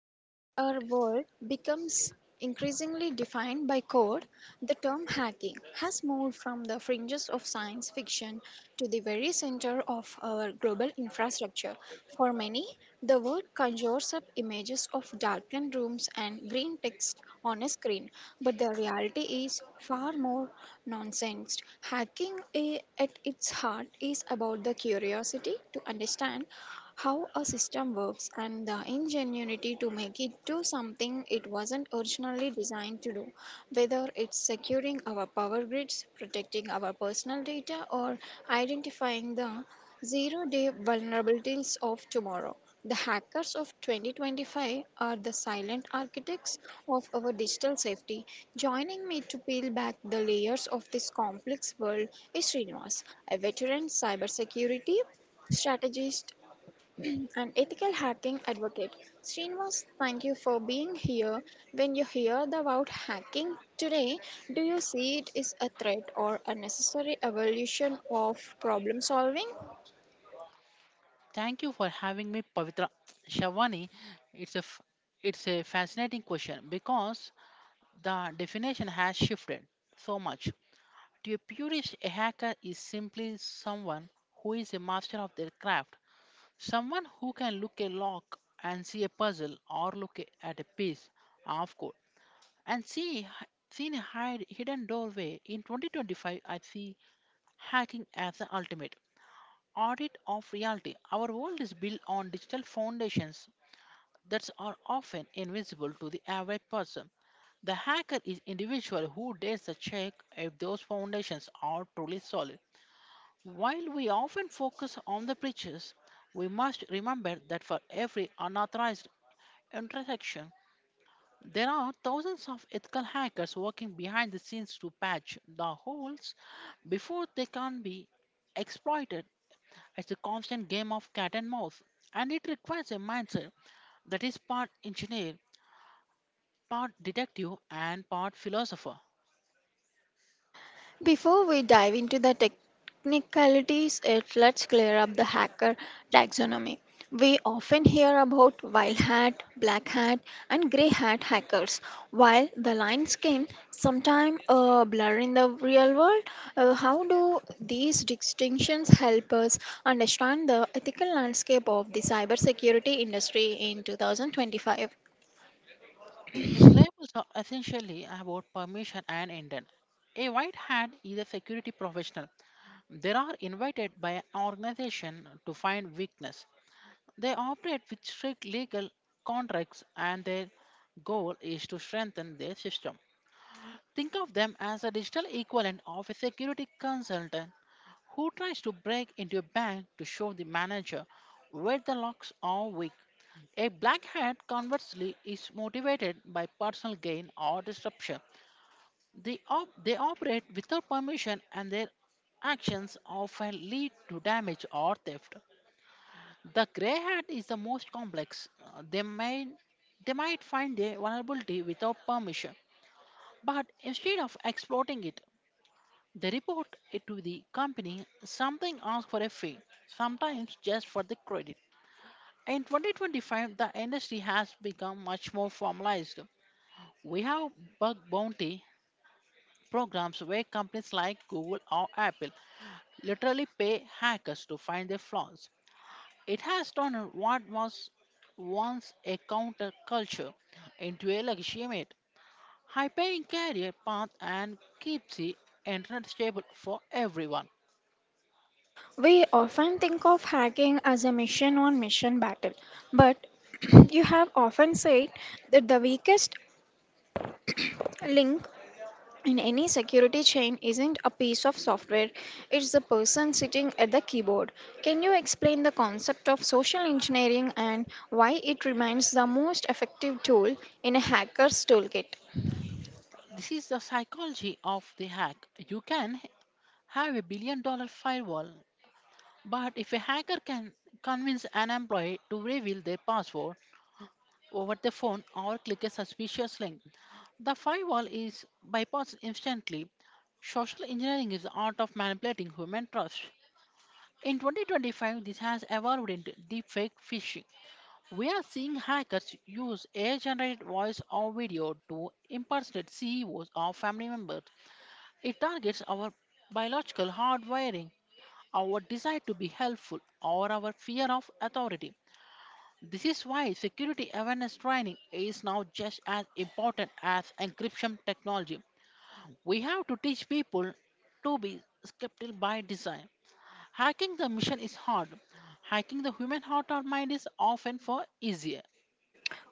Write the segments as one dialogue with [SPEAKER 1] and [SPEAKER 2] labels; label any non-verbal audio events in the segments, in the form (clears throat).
[SPEAKER 1] and as our world becomes increasingly defined by code, the term hacking has moved from the fringes of science fiction to the very center of our global infrastructure. For many, the word conjures up images of darkened rooms and green text on a screen. But the reality is far more nonsense. Hacking at its heart is about the curiosity to understand how a system works and the ingenuity to make it do something it wasn't originally designed to do, whether it's securing our power grids, protecting our personal data, or identifying the Zero day vulnerabilities of tomorrow. The hackers of 2025 are the silent architects of our digital safety. Joining me to peel back the layers of this complex world is Srinivas, a veteran cybersecurity strategist and ethical hacking advocate. Srinivas, thank you for being here. When you hear the word hacking today, do you see it as a threat or a necessary evolution of problem solving?
[SPEAKER 2] Thank you for having me, Pavitra Shavani. It's a f- it's a fascinating question because the definition has shifted so much. To a purist, a hacker is simply someone who is a master of their craft, someone who can look a lock and see a puzzle, or look at a piece of code and see hidden doorway. In 2025, I see hacking as the ultimate audit of reality. Our world is built on digital foundations that are often invisible to the average person. The hacker is individual who dares to check if those foundations are truly solid. While we often focus on the breaches, we must remember that for every unauthorized intersection, there are thousands of ethical hackers working behind the scenes to patch the holes before they can be exploited. It's a constant game of cat and mouse, and it requires a mindset that is part engineer, part detective and part philosopher.
[SPEAKER 1] Before we dive into the technicalities, let's clear up the hacker taxonomy. We often hear about white hat, black hat, and grey hat hackers. While the lines can sometimes blur in the real world, how do these distinctions help us understand the ethical landscape of the cybersecurity industry in 2025?
[SPEAKER 2] These labels are essentially about permission and intent. A white hat is a security professional. They are invited by an organization to find weakness. They operate with strict legal contracts and their goal is to strengthen their system. Think of them as a digital equivalent of a security consultant who tries to break into a bank to show the manager where the locks are weak. A black hat, conversely, is motivated by personal gain or disruption. They operate without permission and their actions often lead to damage or theft. The grey hat is the most complex. They may they might find a vulnerability without permission, but instead of exploiting it, they report it to the company, something asks for a fee, sometimes just for the credit. In 2025, the industry has become much more formalized. We have bug bounty programs where companies like Google or Apple literally pay hackers to find their flaws. It has turned what was once a counterculture into a legitimate, high-paying career path and keeps the internet stable for everyone.
[SPEAKER 1] We often think of hacking as a mission on mission battle, but (clears throat) you have often said that the weakest link in any security chain isn't a piece of software, it's the person sitting at the keyboard. Can you explain the concept of social engineering and why it remains the most effective tool in a hacker's toolkit?
[SPEAKER 2] This is the psychology of the hack. You can have a billion-dollar firewall, but if a hacker can convince an employee to reveal their password, over the phone or click a suspicious link. The firewall is bypassed instantly. Social engineering is the art of manipulating human trust. In 2025, this has evolved into deepfake phishing. We are seeing hackers use AI generated voice or video to impersonate CEOs or family members. It targets our biological hardwiring, our desire to be helpful, or our fear of authority. This is why security awareness training is now just as important as encryption technology. We have to teach people to be skeptical by design. Hacking the mission is hard. Hacking the human heart or mind is often far easier.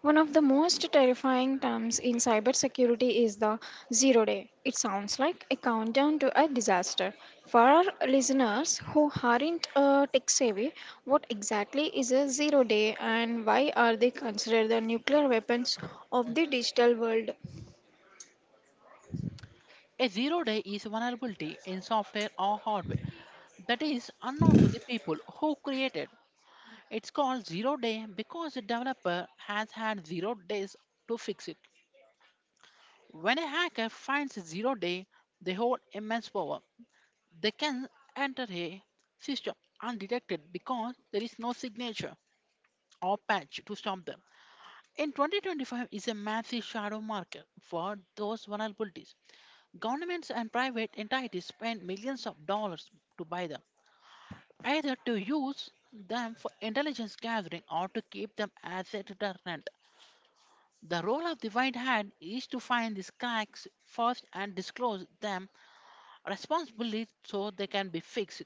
[SPEAKER 1] One of the most terrifying terms in cybersecurity is the zero day. It sounds like a countdown to a disaster. For our listeners who aren't tech savvy, what exactly is a zero day and why are they considered the nuclear weapons of the digital world?
[SPEAKER 2] A zero day is vulnerability in software or hardware that is unknown to the people who created. It's called zero day because the developer has had zero days to fix it. When a hacker finds a zero day, they hold immense power. They can enter a system undetected because there is no signature or patch to stop them. In 2025 is a massive shadow market for those vulnerabilities. Governments and private entities spend millions of dollars to buy them, either to use them for intelligence gathering or to keep them as a deterrent. The role of the white hat is to find these cracks first and disclose them responsibly so they can be fixed.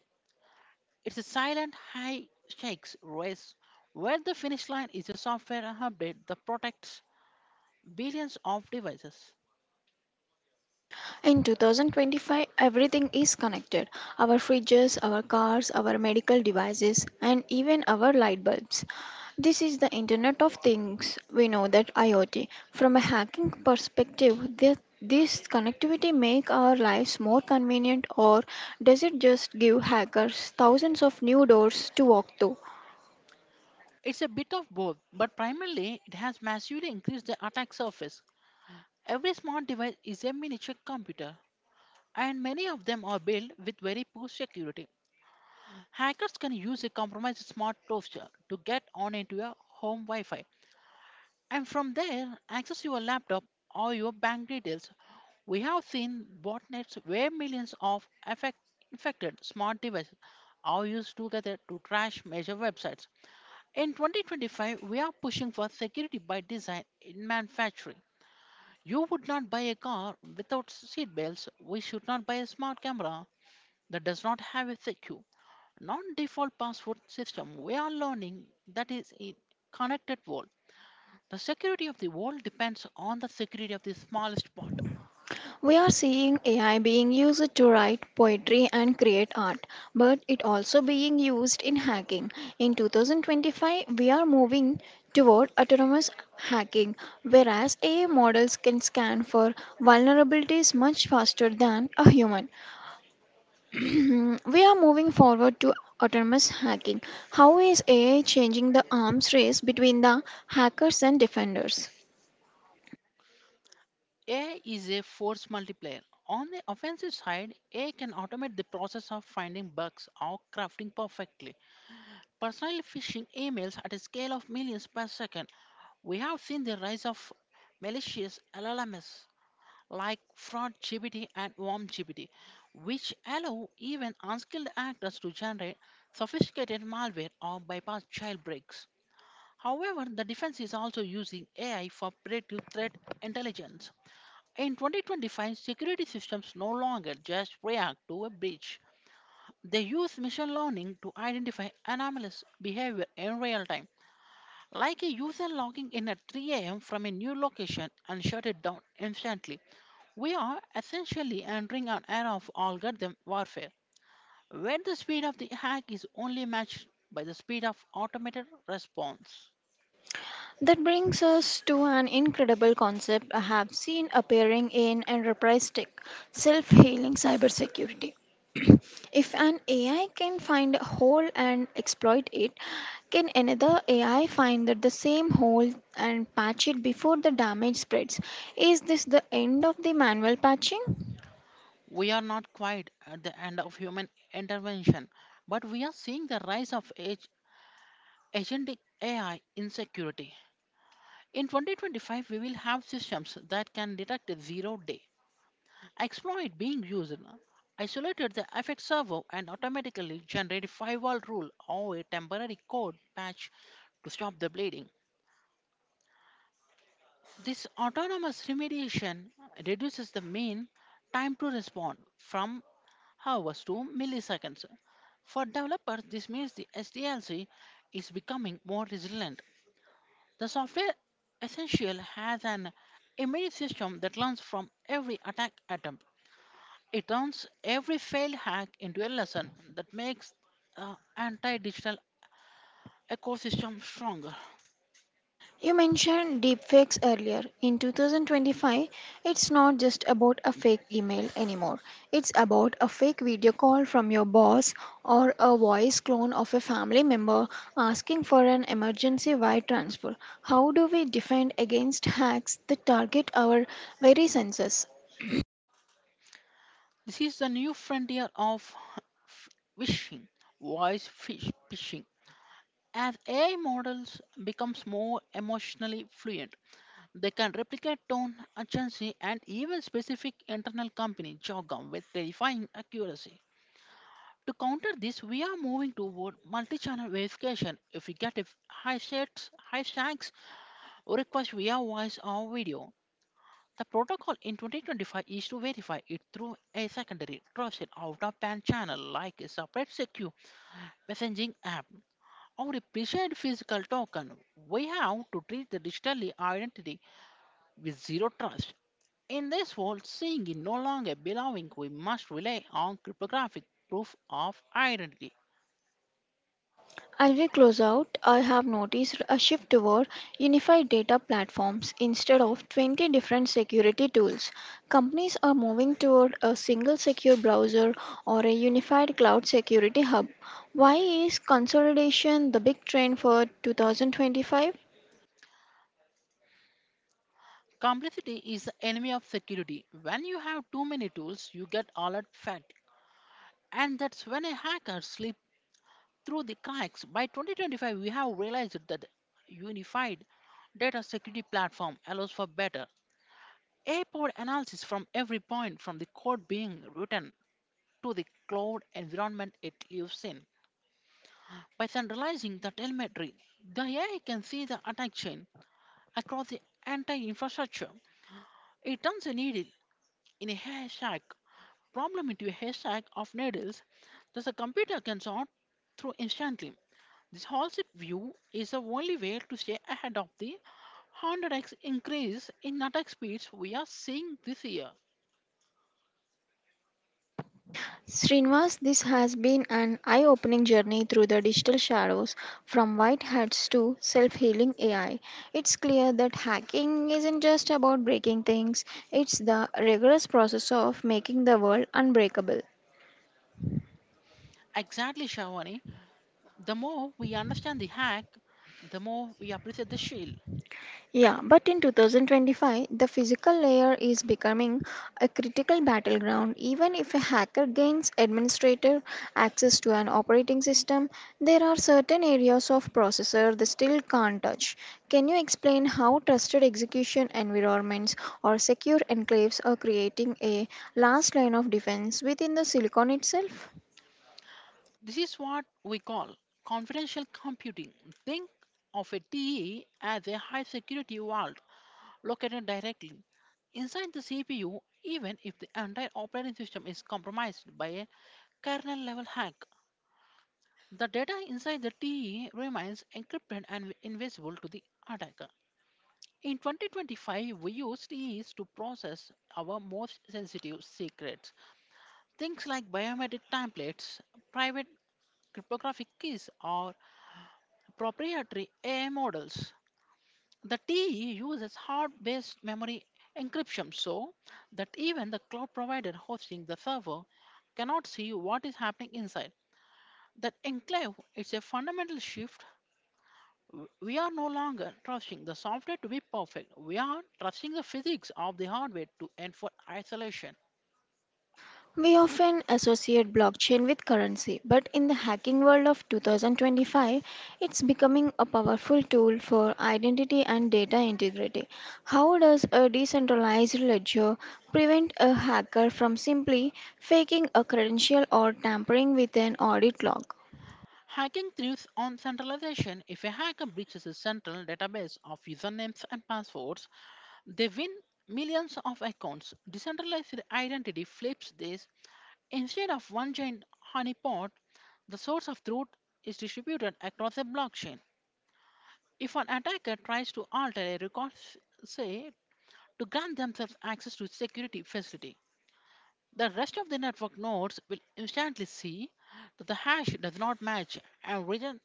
[SPEAKER 2] It's a silent high stakes race where the finish line is a software update that protects billions of devices.
[SPEAKER 1] In 2025, everything is connected: our fridges, our cars, our medical devices, and even our light bulbs. This is the Internet of Things. We know that IoT. From a hacking perspective, this connectivity make our lives more convenient, or does it just give hackers thousands of new doors to walk through?
[SPEAKER 2] It's a bit of both, but primarily it has massively increased the attack surface. Every smart device is a miniature computer, and many of them are built with very poor security. Hackers can use a compromised smart toaster to get on into your home Wi Fi, and from there access your laptop or your bank details. We have seen botnets where millions of infected smart devices are used together to trash major websites. In 2025, we are pushing for security by design in manufacturing. You would not buy a car without seatbelts. We should not buy a smart camera that does not have a secure, non-default password system. We are learning that is a connected world. The security of the world depends on the security of the smallest part.
[SPEAKER 1] We are seeing AI being used to write poetry and create art, but it also being used in hacking. In 2025, we are moving toward autonomous hacking, whereas AI models can scan for vulnerabilities much faster than a human. We are moving forward to autonomous hacking. How is AI changing the arms race between the hackers and defenders?
[SPEAKER 2] AI is a force multiplier. On the offensive side, AI can automate the process of finding bugs or crafting perfectly. Personally phishing emails at a scale of millions per second, we have seen the rise of malicious LLMs like FraudGPT and WormGPT, which allow even unskilled actors to generate sophisticated malware or bypass jailbreaks. However, the defense is also using AI for predictive threat intelligence in 2025, security systems no longer just react to a breach. They use machine learning to identify anomalous behavior in real time, like a user logging in at 3 a.m. from a new location and shut it down instantly. We are essentially entering an era of algorithm warfare, where the speed of the hack is only matched by the speed of automated response.
[SPEAKER 1] That brings us to an incredible concept I have seen appearing in enterprise tech self healing cybersecurity. If an AI can find a hole and exploit it, can another AI find that the same hole and patch it before the damage spreads? Is this the end of the manual patching?
[SPEAKER 2] We are not quite at the end of human intervention, but we are seeing the rise of AI. Agentic AI insecurity. In 2025, we will have systems that can detect a zero day exploit being used, isolated the FX server, and automatically generate a firewall rule or a temporary code patch to stop the bleeding. This autonomous remediation reduces the mean time to respond from hours to milliseconds. For developers, this means the SDLC is becoming more resilient. The software essential has an immune system that learns from every attack attempt. It turns every failed hack into a lesson that makes the anti-digital ecosystem stronger.
[SPEAKER 1] You mentioned deepfakes earlier. In 2025, it's not just about a fake email anymore. It's about a fake video call from your boss or a voice clone of a family member asking for an emergency wire transfer. How do we defend against hacks that target our very senses?
[SPEAKER 2] This is the new frontier of (laughs) phishing, voice fish phishing. As AI models becomes more emotionally fluent, they can replicate tone, urgency, and even specific internal company jargon with terrifying accuracy. To counter this, we are moving toward multi-channel verification. If we get a high sets, high shanks, or request via voice or video, the protocol in 2025 is to verify it through a secondary trusted out-of-band channel like a separate secure messaging app or a preferred physical token. We have to treat the digital identity with zero trust. In this world, seeing is no longer belonging, we must rely on cryptographic proof of identity.
[SPEAKER 1] As we close out, I have noticed a shift toward unified data platforms instead of 20 different security tools. Companies are moving toward a single secure browser or a unified cloud security hub. Why is consolidation the big trend for 2025?
[SPEAKER 2] Complexity is the enemy of security. When you have too many tools, you get alert fatigue, and that's when a hacker slips through the cracks. By 2025, we have realized that unified data security platform allows for better AI-powered analysis from every point, from the code being written to the cloud environment it lives in. By centralizing the telemetry, the AI can see the attack chain across the entire infrastructure. It turns a needle in a haystack problem into a haystack of needles that the computer can sort through instantly. This Hall-Sip view is the only way to stay ahead of the 100x increase in attack speeds we are seeing this year.
[SPEAKER 1] Srinivas, this has been an eye opening journey through the digital shadows, from white hats to self healing AI. It's clear that hacking isn't just about breaking things, it's the rigorous process of making the world unbreakable.
[SPEAKER 2] Exactly, Shavani. The more we understand the hack, the more we appreciate the shield.
[SPEAKER 1] Yeah, but in 2025, the physical layer is becoming a critical battleground. Even if a hacker gains administrative access to an operating system, there are certain areas of processor they still can't touch. Can you explain how trusted execution environments or secure enclaves are creating a last line of defense within the silicon itself?
[SPEAKER 2] This is what we call confidential computing. Think of a TE as a high security vault located directly inside the CPU, even if the entire operating system is compromised by a kernel level hack. The data inside the TE remains encrypted and invisible to the attacker. In 2025, we use TEs to process our most sensitive secrets. Things like biometric templates, private cryptographic keys, or proprietary AI models. The TE uses hard based memory encryption so that even the cloud provider hosting the server cannot see what is happening inside. That enclave is a fundamental shift. We are no longer trusting the software to be perfect. We are trusting the physics of the hardware to enforce isolation.
[SPEAKER 1] We often associate blockchain with currency, but in the hacking world of 2025, it's becoming a powerful tool for identity and data integrity. How does a decentralized ledger prevent a hacker from simply faking a credential or tampering with an audit log?
[SPEAKER 2] Hacking thrives on centralization. If a hacker breaches a central database of usernames and passwords, they win millions of accounts. Decentralized identity flips this. Instead of one giant honeypot, the source of truth is distributed across a blockchain. If an attacker tries to alter a record, say, to grant themselves access to security facility, the rest of the network nodes will instantly see that the hash does not match and reject,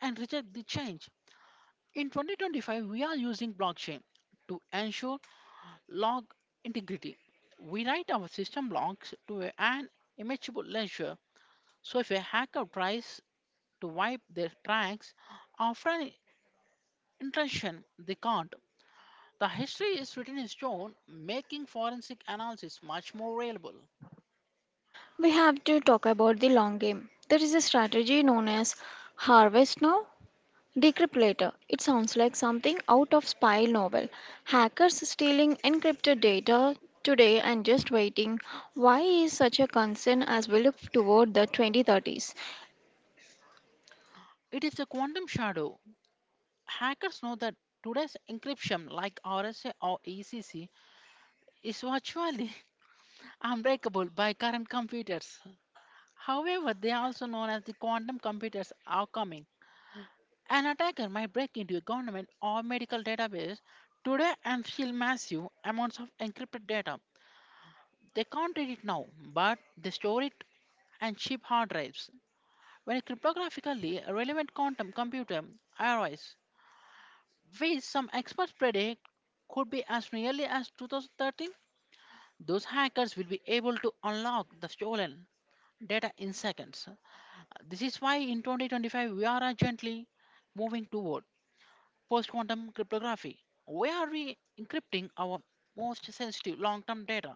[SPEAKER 2] the change. In 2025, we are using blockchain to ensure log integrity. We write our system blocks to an immutable ledger, so if a hacker tries to wipe their tracks after an intrusion they can't. The history is written in stone, making forensic analysis much more reliable.
[SPEAKER 1] We have to talk about the long game. There is a strategy known as Harvest Now Decrypt later. It sounds like something out of spy novel. Hackers stealing encrypted data today and just waiting. Why is such a concern as we look toward the 2030s?
[SPEAKER 2] It is a quantum shadow. Hackers know that today's encryption, like RSA or ECC, is virtually (laughs) unbreakable by current computers. However, they are also known as the quantum computers are coming. An attacker might break into a government or medical database today and steal massive amounts of encrypted data. They can't read it now, but they store it and ship hard drives. When a cryptographically relevant quantum computer arrives, which some experts predict could be as nearly as 2013, those hackers will be able to unlock the stolen data in seconds. This is why in 2025 we are gently moving toward post quantum cryptography. Where We are re encrypting our most sensitive long term data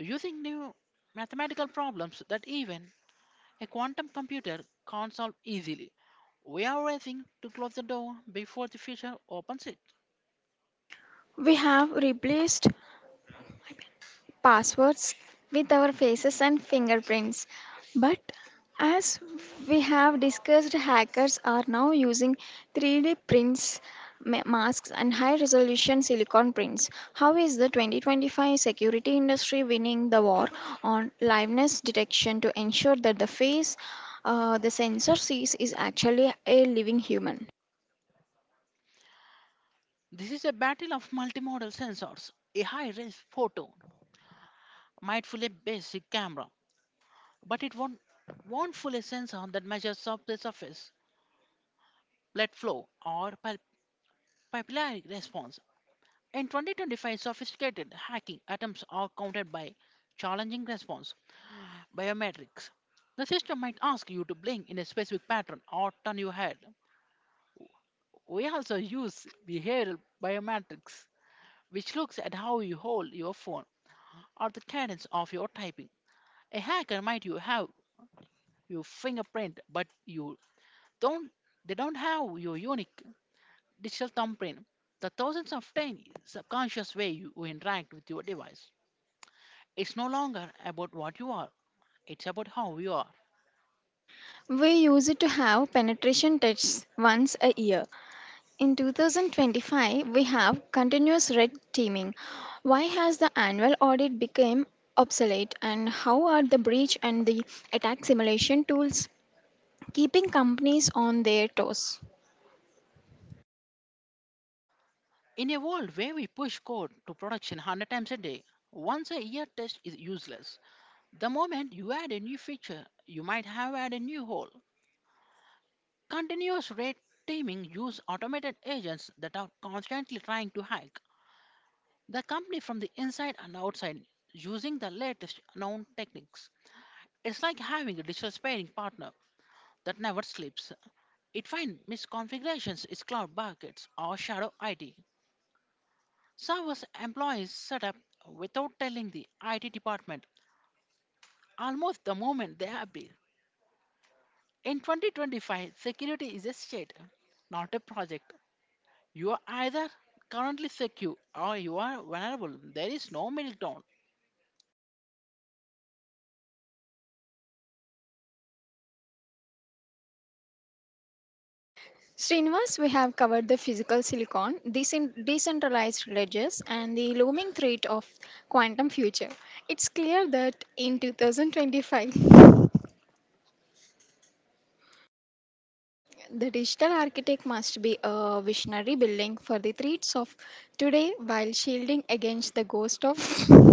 [SPEAKER 2] using new mathematical problems that even a quantum computer can't solve easily. We are racing to close the door before the future opens it.
[SPEAKER 1] We have replaced passwords with our faces and fingerprints. But as we have discussed, hackers are now using 3D prints, masks, and high resolution silicon prints. How is the 2025 security industry winning the war on liveness detection to ensure that the face, the sensor sees is actually a living human?
[SPEAKER 2] This is a battle of multimodal sensors. A high-res photo might fool a basic camera, but it won't fool a sensor that measures surface, blood flow, or papillary response. In 2025, sophisticated hacking attempts are countered by challenging response biometrics. The system might ask you to blink in a specific pattern or turn your head. We also use behavioral biometrics, which looks at how you hold your phone or the cadence of your typing. A hacker might you have your fingerprint, but you don't they don't have your unique digital thumbprint. The thousands of tiny subconscious way you interact with your device. It's no longer about what you are, it's about how you are.
[SPEAKER 1] We use it to have penetration tests once a year. In 2025, we have continuous red teaming. Why has the annual audit become obsolete, and how are the breach and the attack simulation tools keeping companies on their toes?
[SPEAKER 2] In a world where we push code to production 100 times a day, once a year test is useless. The moment you add a new feature, you might have added a new hole. Continuous red teaming use automated agents that are constantly trying to hack the company from the inside and outside using the latest known techniques. It's like having a digital sparring partner that never sleeps. It finds misconfigurations in cloud buckets or shadow IT. Servers employees set up without telling the IT department almost the moment they are built. In 2025, security is a state, not a project. You are either currently secure or you are vulnerable. There is no middle ground.
[SPEAKER 1] Srinivas, we have covered the physical silicon, decent- decentralized ledgers, and the looming threat of quantum future. It's clear that in 2025 The digital architect must be a visionary building for the threats of today while shielding against the ghost of (laughs)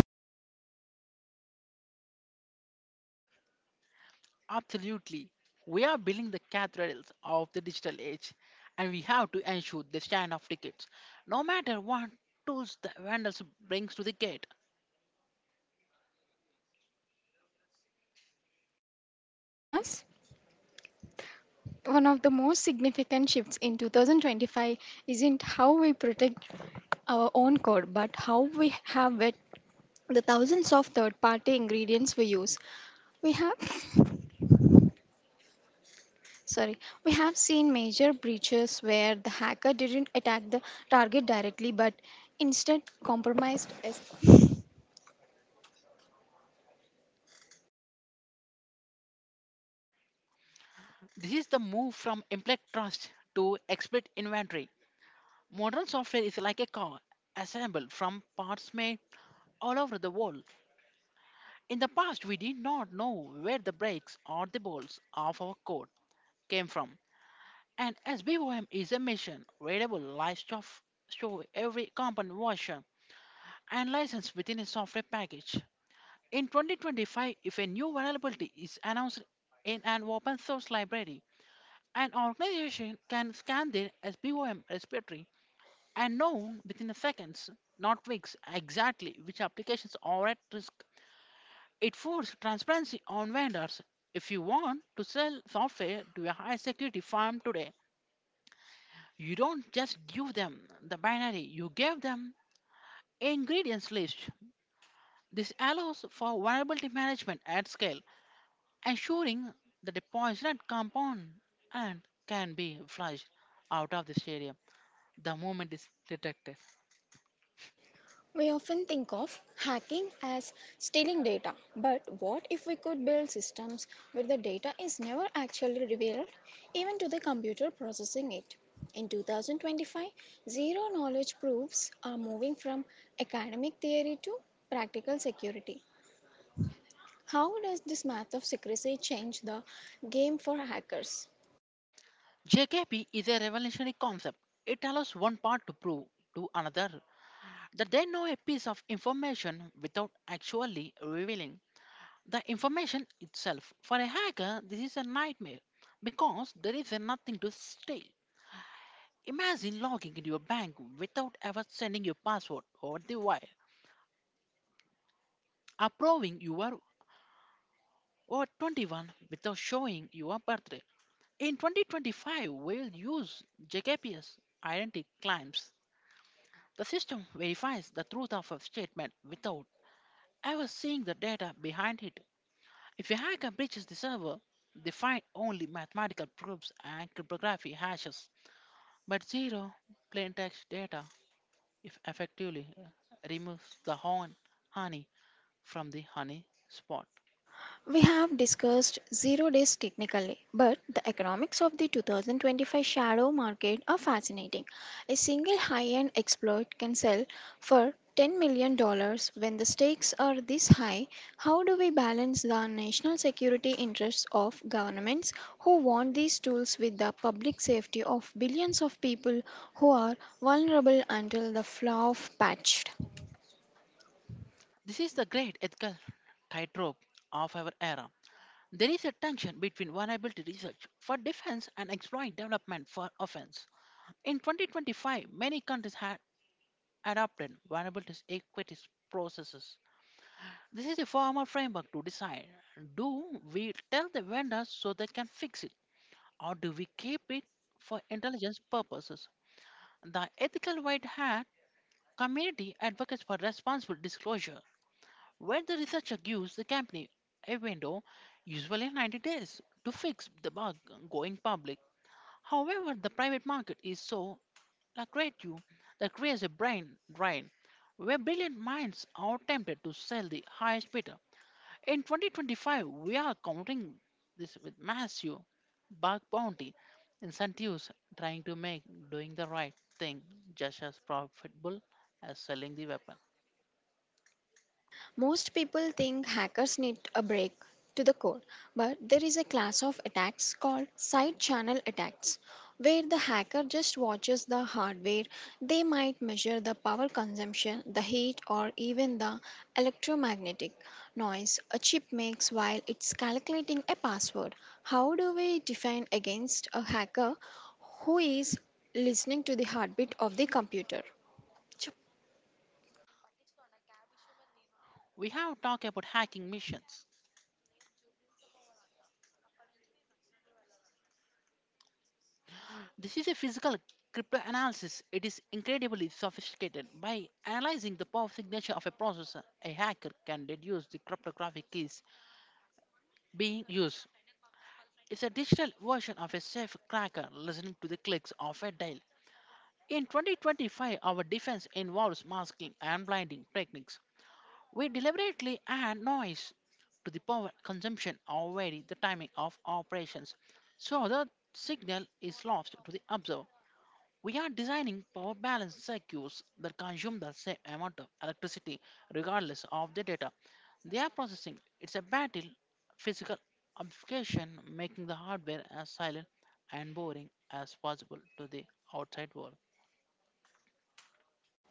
[SPEAKER 2] Absolutely. We are building the cathedrals of the digital age and we have to ensure the stand of tickets. No matter what tools the vendors brings to the gate.
[SPEAKER 1] cinemas. One of the most significant shifts in 2025 isn't how we protect our own code, but how we have it, the thousands of third party ingredients we use. We have (laughs) sorry, we have seen major breaches where the hacker didn't attack the target directly but instead compromised
[SPEAKER 2] This is the move from implicit trust to explicit inventory. Modern software is like a car assembled from parts made all over the world. In the past, we did not know where the breaks or the bolts of our code came from. And as BOM is a mission variable livestock show every component version and license within a software package. In 2025, if a new vulnerability is announced in an open source library, an organization can scan their SBOM repository and know within seconds, not weeks, exactly which applications are at risk. It forced transparency on vendors. If you want to sell software to a high security firm today, you don't just give them the binary, you give them a ingredients list. This allows for variability management at scale, ensuring that a poisoned compound and can be flushed out of the stadium the moment it's detected.
[SPEAKER 1] We often think of hacking as stealing data, but what if we could build systems where the data is never actually revealed, even to the computer processing it? In 2025, zero knowledge proofs are moving from academic theory to practical security. How does this math of secrecy change the game for hackers?
[SPEAKER 2] JKP is a revolutionary concept. It allows one part to prove to another that they know a piece of information without actually revealing the information itself. For a hacker, this is a nightmare because there is nothing to stay. Imagine logging into your bank without ever sending your password over the wire, approving your over 21 without showing your birthday. In 2025, we'll use JKPS identity claims. The system verifies the truth of a statement without ever seeing the data behind it. If a hacker breaches the server, they find only mathematical proofs and cryptography hashes, but zero plaintext data. If effectively removes the horn honey from the honey spot.
[SPEAKER 1] We have discussed zero days technically, but the economics of the 2025 shadow market are fascinating. A single high end exploit can sell for $10 million dollars when the stakes are this high. How do we balance the national security interests of governments who want these tools with the public safety of billions of people who are vulnerable until the flaw of patched?
[SPEAKER 2] This is the great ethical tightrope of our era. There is a tension between vulnerability research for defense and exploit development for offense. In 2025, many countries had adopted vulnerability equity processes. This is a formal framework to decide do we tell the vendors so they can fix it, or do we keep it for intelligence purposes? The ethical white hat community advocates for responsible disclosure, where the researcher gives the company a window, usually 90 days, to fix the bug going public. However, the private market is so lucrative that creates a brain drain where brilliant minds are tempted to sell the highest bidder. In 2025, we are counting this with massive bark bounty incentives trying to make doing the right thing just as profitable as selling the weapon.
[SPEAKER 1] Most people think hackers need a break to the code, but there is a class of attacks called side channel attacks, where the hacker just watches the hardware. They might measure the power consumption, the heat, or even the electromagnetic noise a chip makes while it's calculating a password. How do we defend against a hacker who is listening to the heartbeat of the computer?
[SPEAKER 2] We have talked about hacking missions. This is a physical cryptanalysis. It is incredibly sophisticated. By analyzing the power signature of a processor, a hacker can deduce the cryptographic keys being used. It's a digital version of a safe cracker listening to the clicks of a dial. In 2025, our defense involves masking and blinding techniques. We deliberately add noise to the power consumption or vary the timing of operations so the signal is lost to the observer. We are designing power balance circuits that consume the same amount of electricity regardless of the data they are processing. It's a battle, physical obfuscation, making the hardware as silent and boring as possible to the outside world.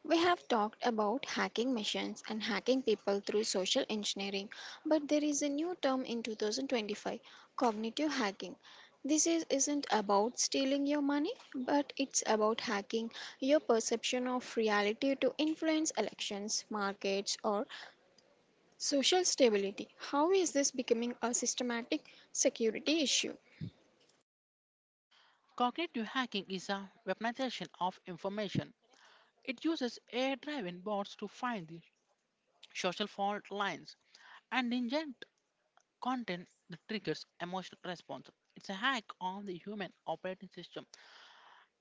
[SPEAKER 1] We have talked about hacking machines and hacking people through social engineering, but there is a new term in 2025 cognitive hacking. This is, isn't about stealing your money, but it's about hacking your perception of reality to influence elections, markets, or social stability. How is this becoming a systematic security issue?
[SPEAKER 2] Cognitive hacking is a weaponization of information. It uses AI driven bots to find the social fault lines and inject content that triggers emotional response. It's a hack on the human operating system.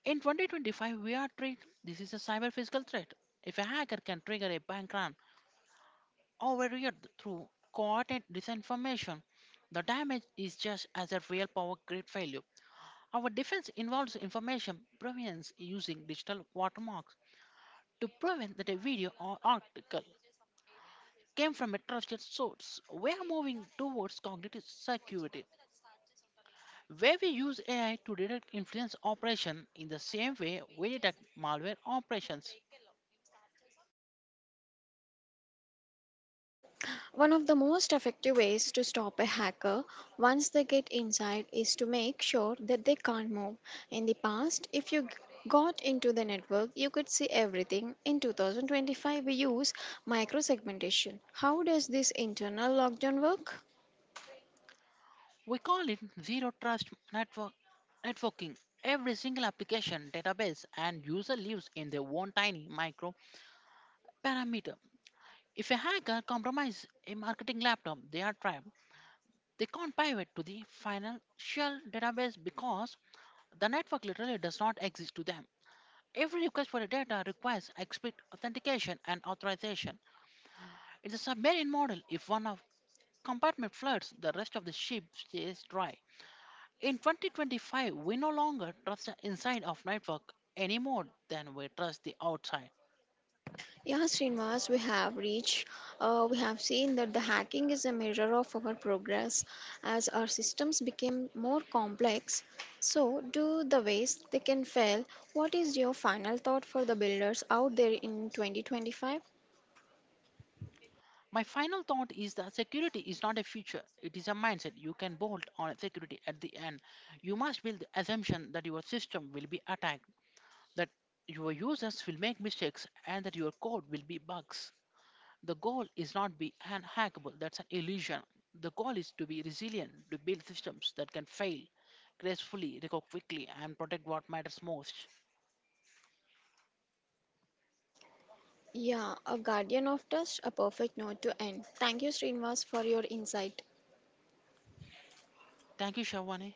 [SPEAKER 2] In 2025, we are treated this is a cyber physical threat. If a hacker can trigger a bank run or a riot through coordinate disinformation, the damage is just as a real power grid failure. Our defense involves information provenance using digital watermarks to prevent that a video or article came from a trusted source. We are moving towards cognitive security, where we use AI to detect influence operation in the same way we detect malware operations.
[SPEAKER 1] One of the most effective ways to stop a hacker once they get inside is to make sure that they can't move. In the past, if you g- got into the network, you could see everything. In 2025, we use microsegmentation. How does this internal lockdown work?
[SPEAKER 2] We call it zero trust network networking. Every single application, database, and user lives in their own tiny micro parameter. If a hacker compromises a marketing laptop, they are trapped. They can't pivot to the financial database because the network literally does not exist to them. Every request for a data requires explicit authentication and authorization. It's a submarine model. If one of compartment floods, the rest of the ship stays dry. In 2025, we no longer trust the inside of network any more than we trust the outside.
[SPEAKER 1] Yeah, Srinivas, we have seen that the hacking is a mirror of our progress as our systems became more complex. So, do the ways they can fail. What is your final thought for the builders out there in 2025?
[SPEAKER 2] My final thought is that security is not a feature, it is a mindset. You can bolt on security at the end. You must build the assumption that your system will be attacked that your users will make mistakes and that your code will be bugs. The goal is not be unhackable, that's an illusion. The goal is to be resilient, to build systems that can fail gracefully, recover quickly, and protect what matters most.
[SPEAKER 1] Yeah, a guardian of trust, a perfect note to end. Thank you, Srinivas, for your insight.
[SPEAKER 2] Thank you, Shavani.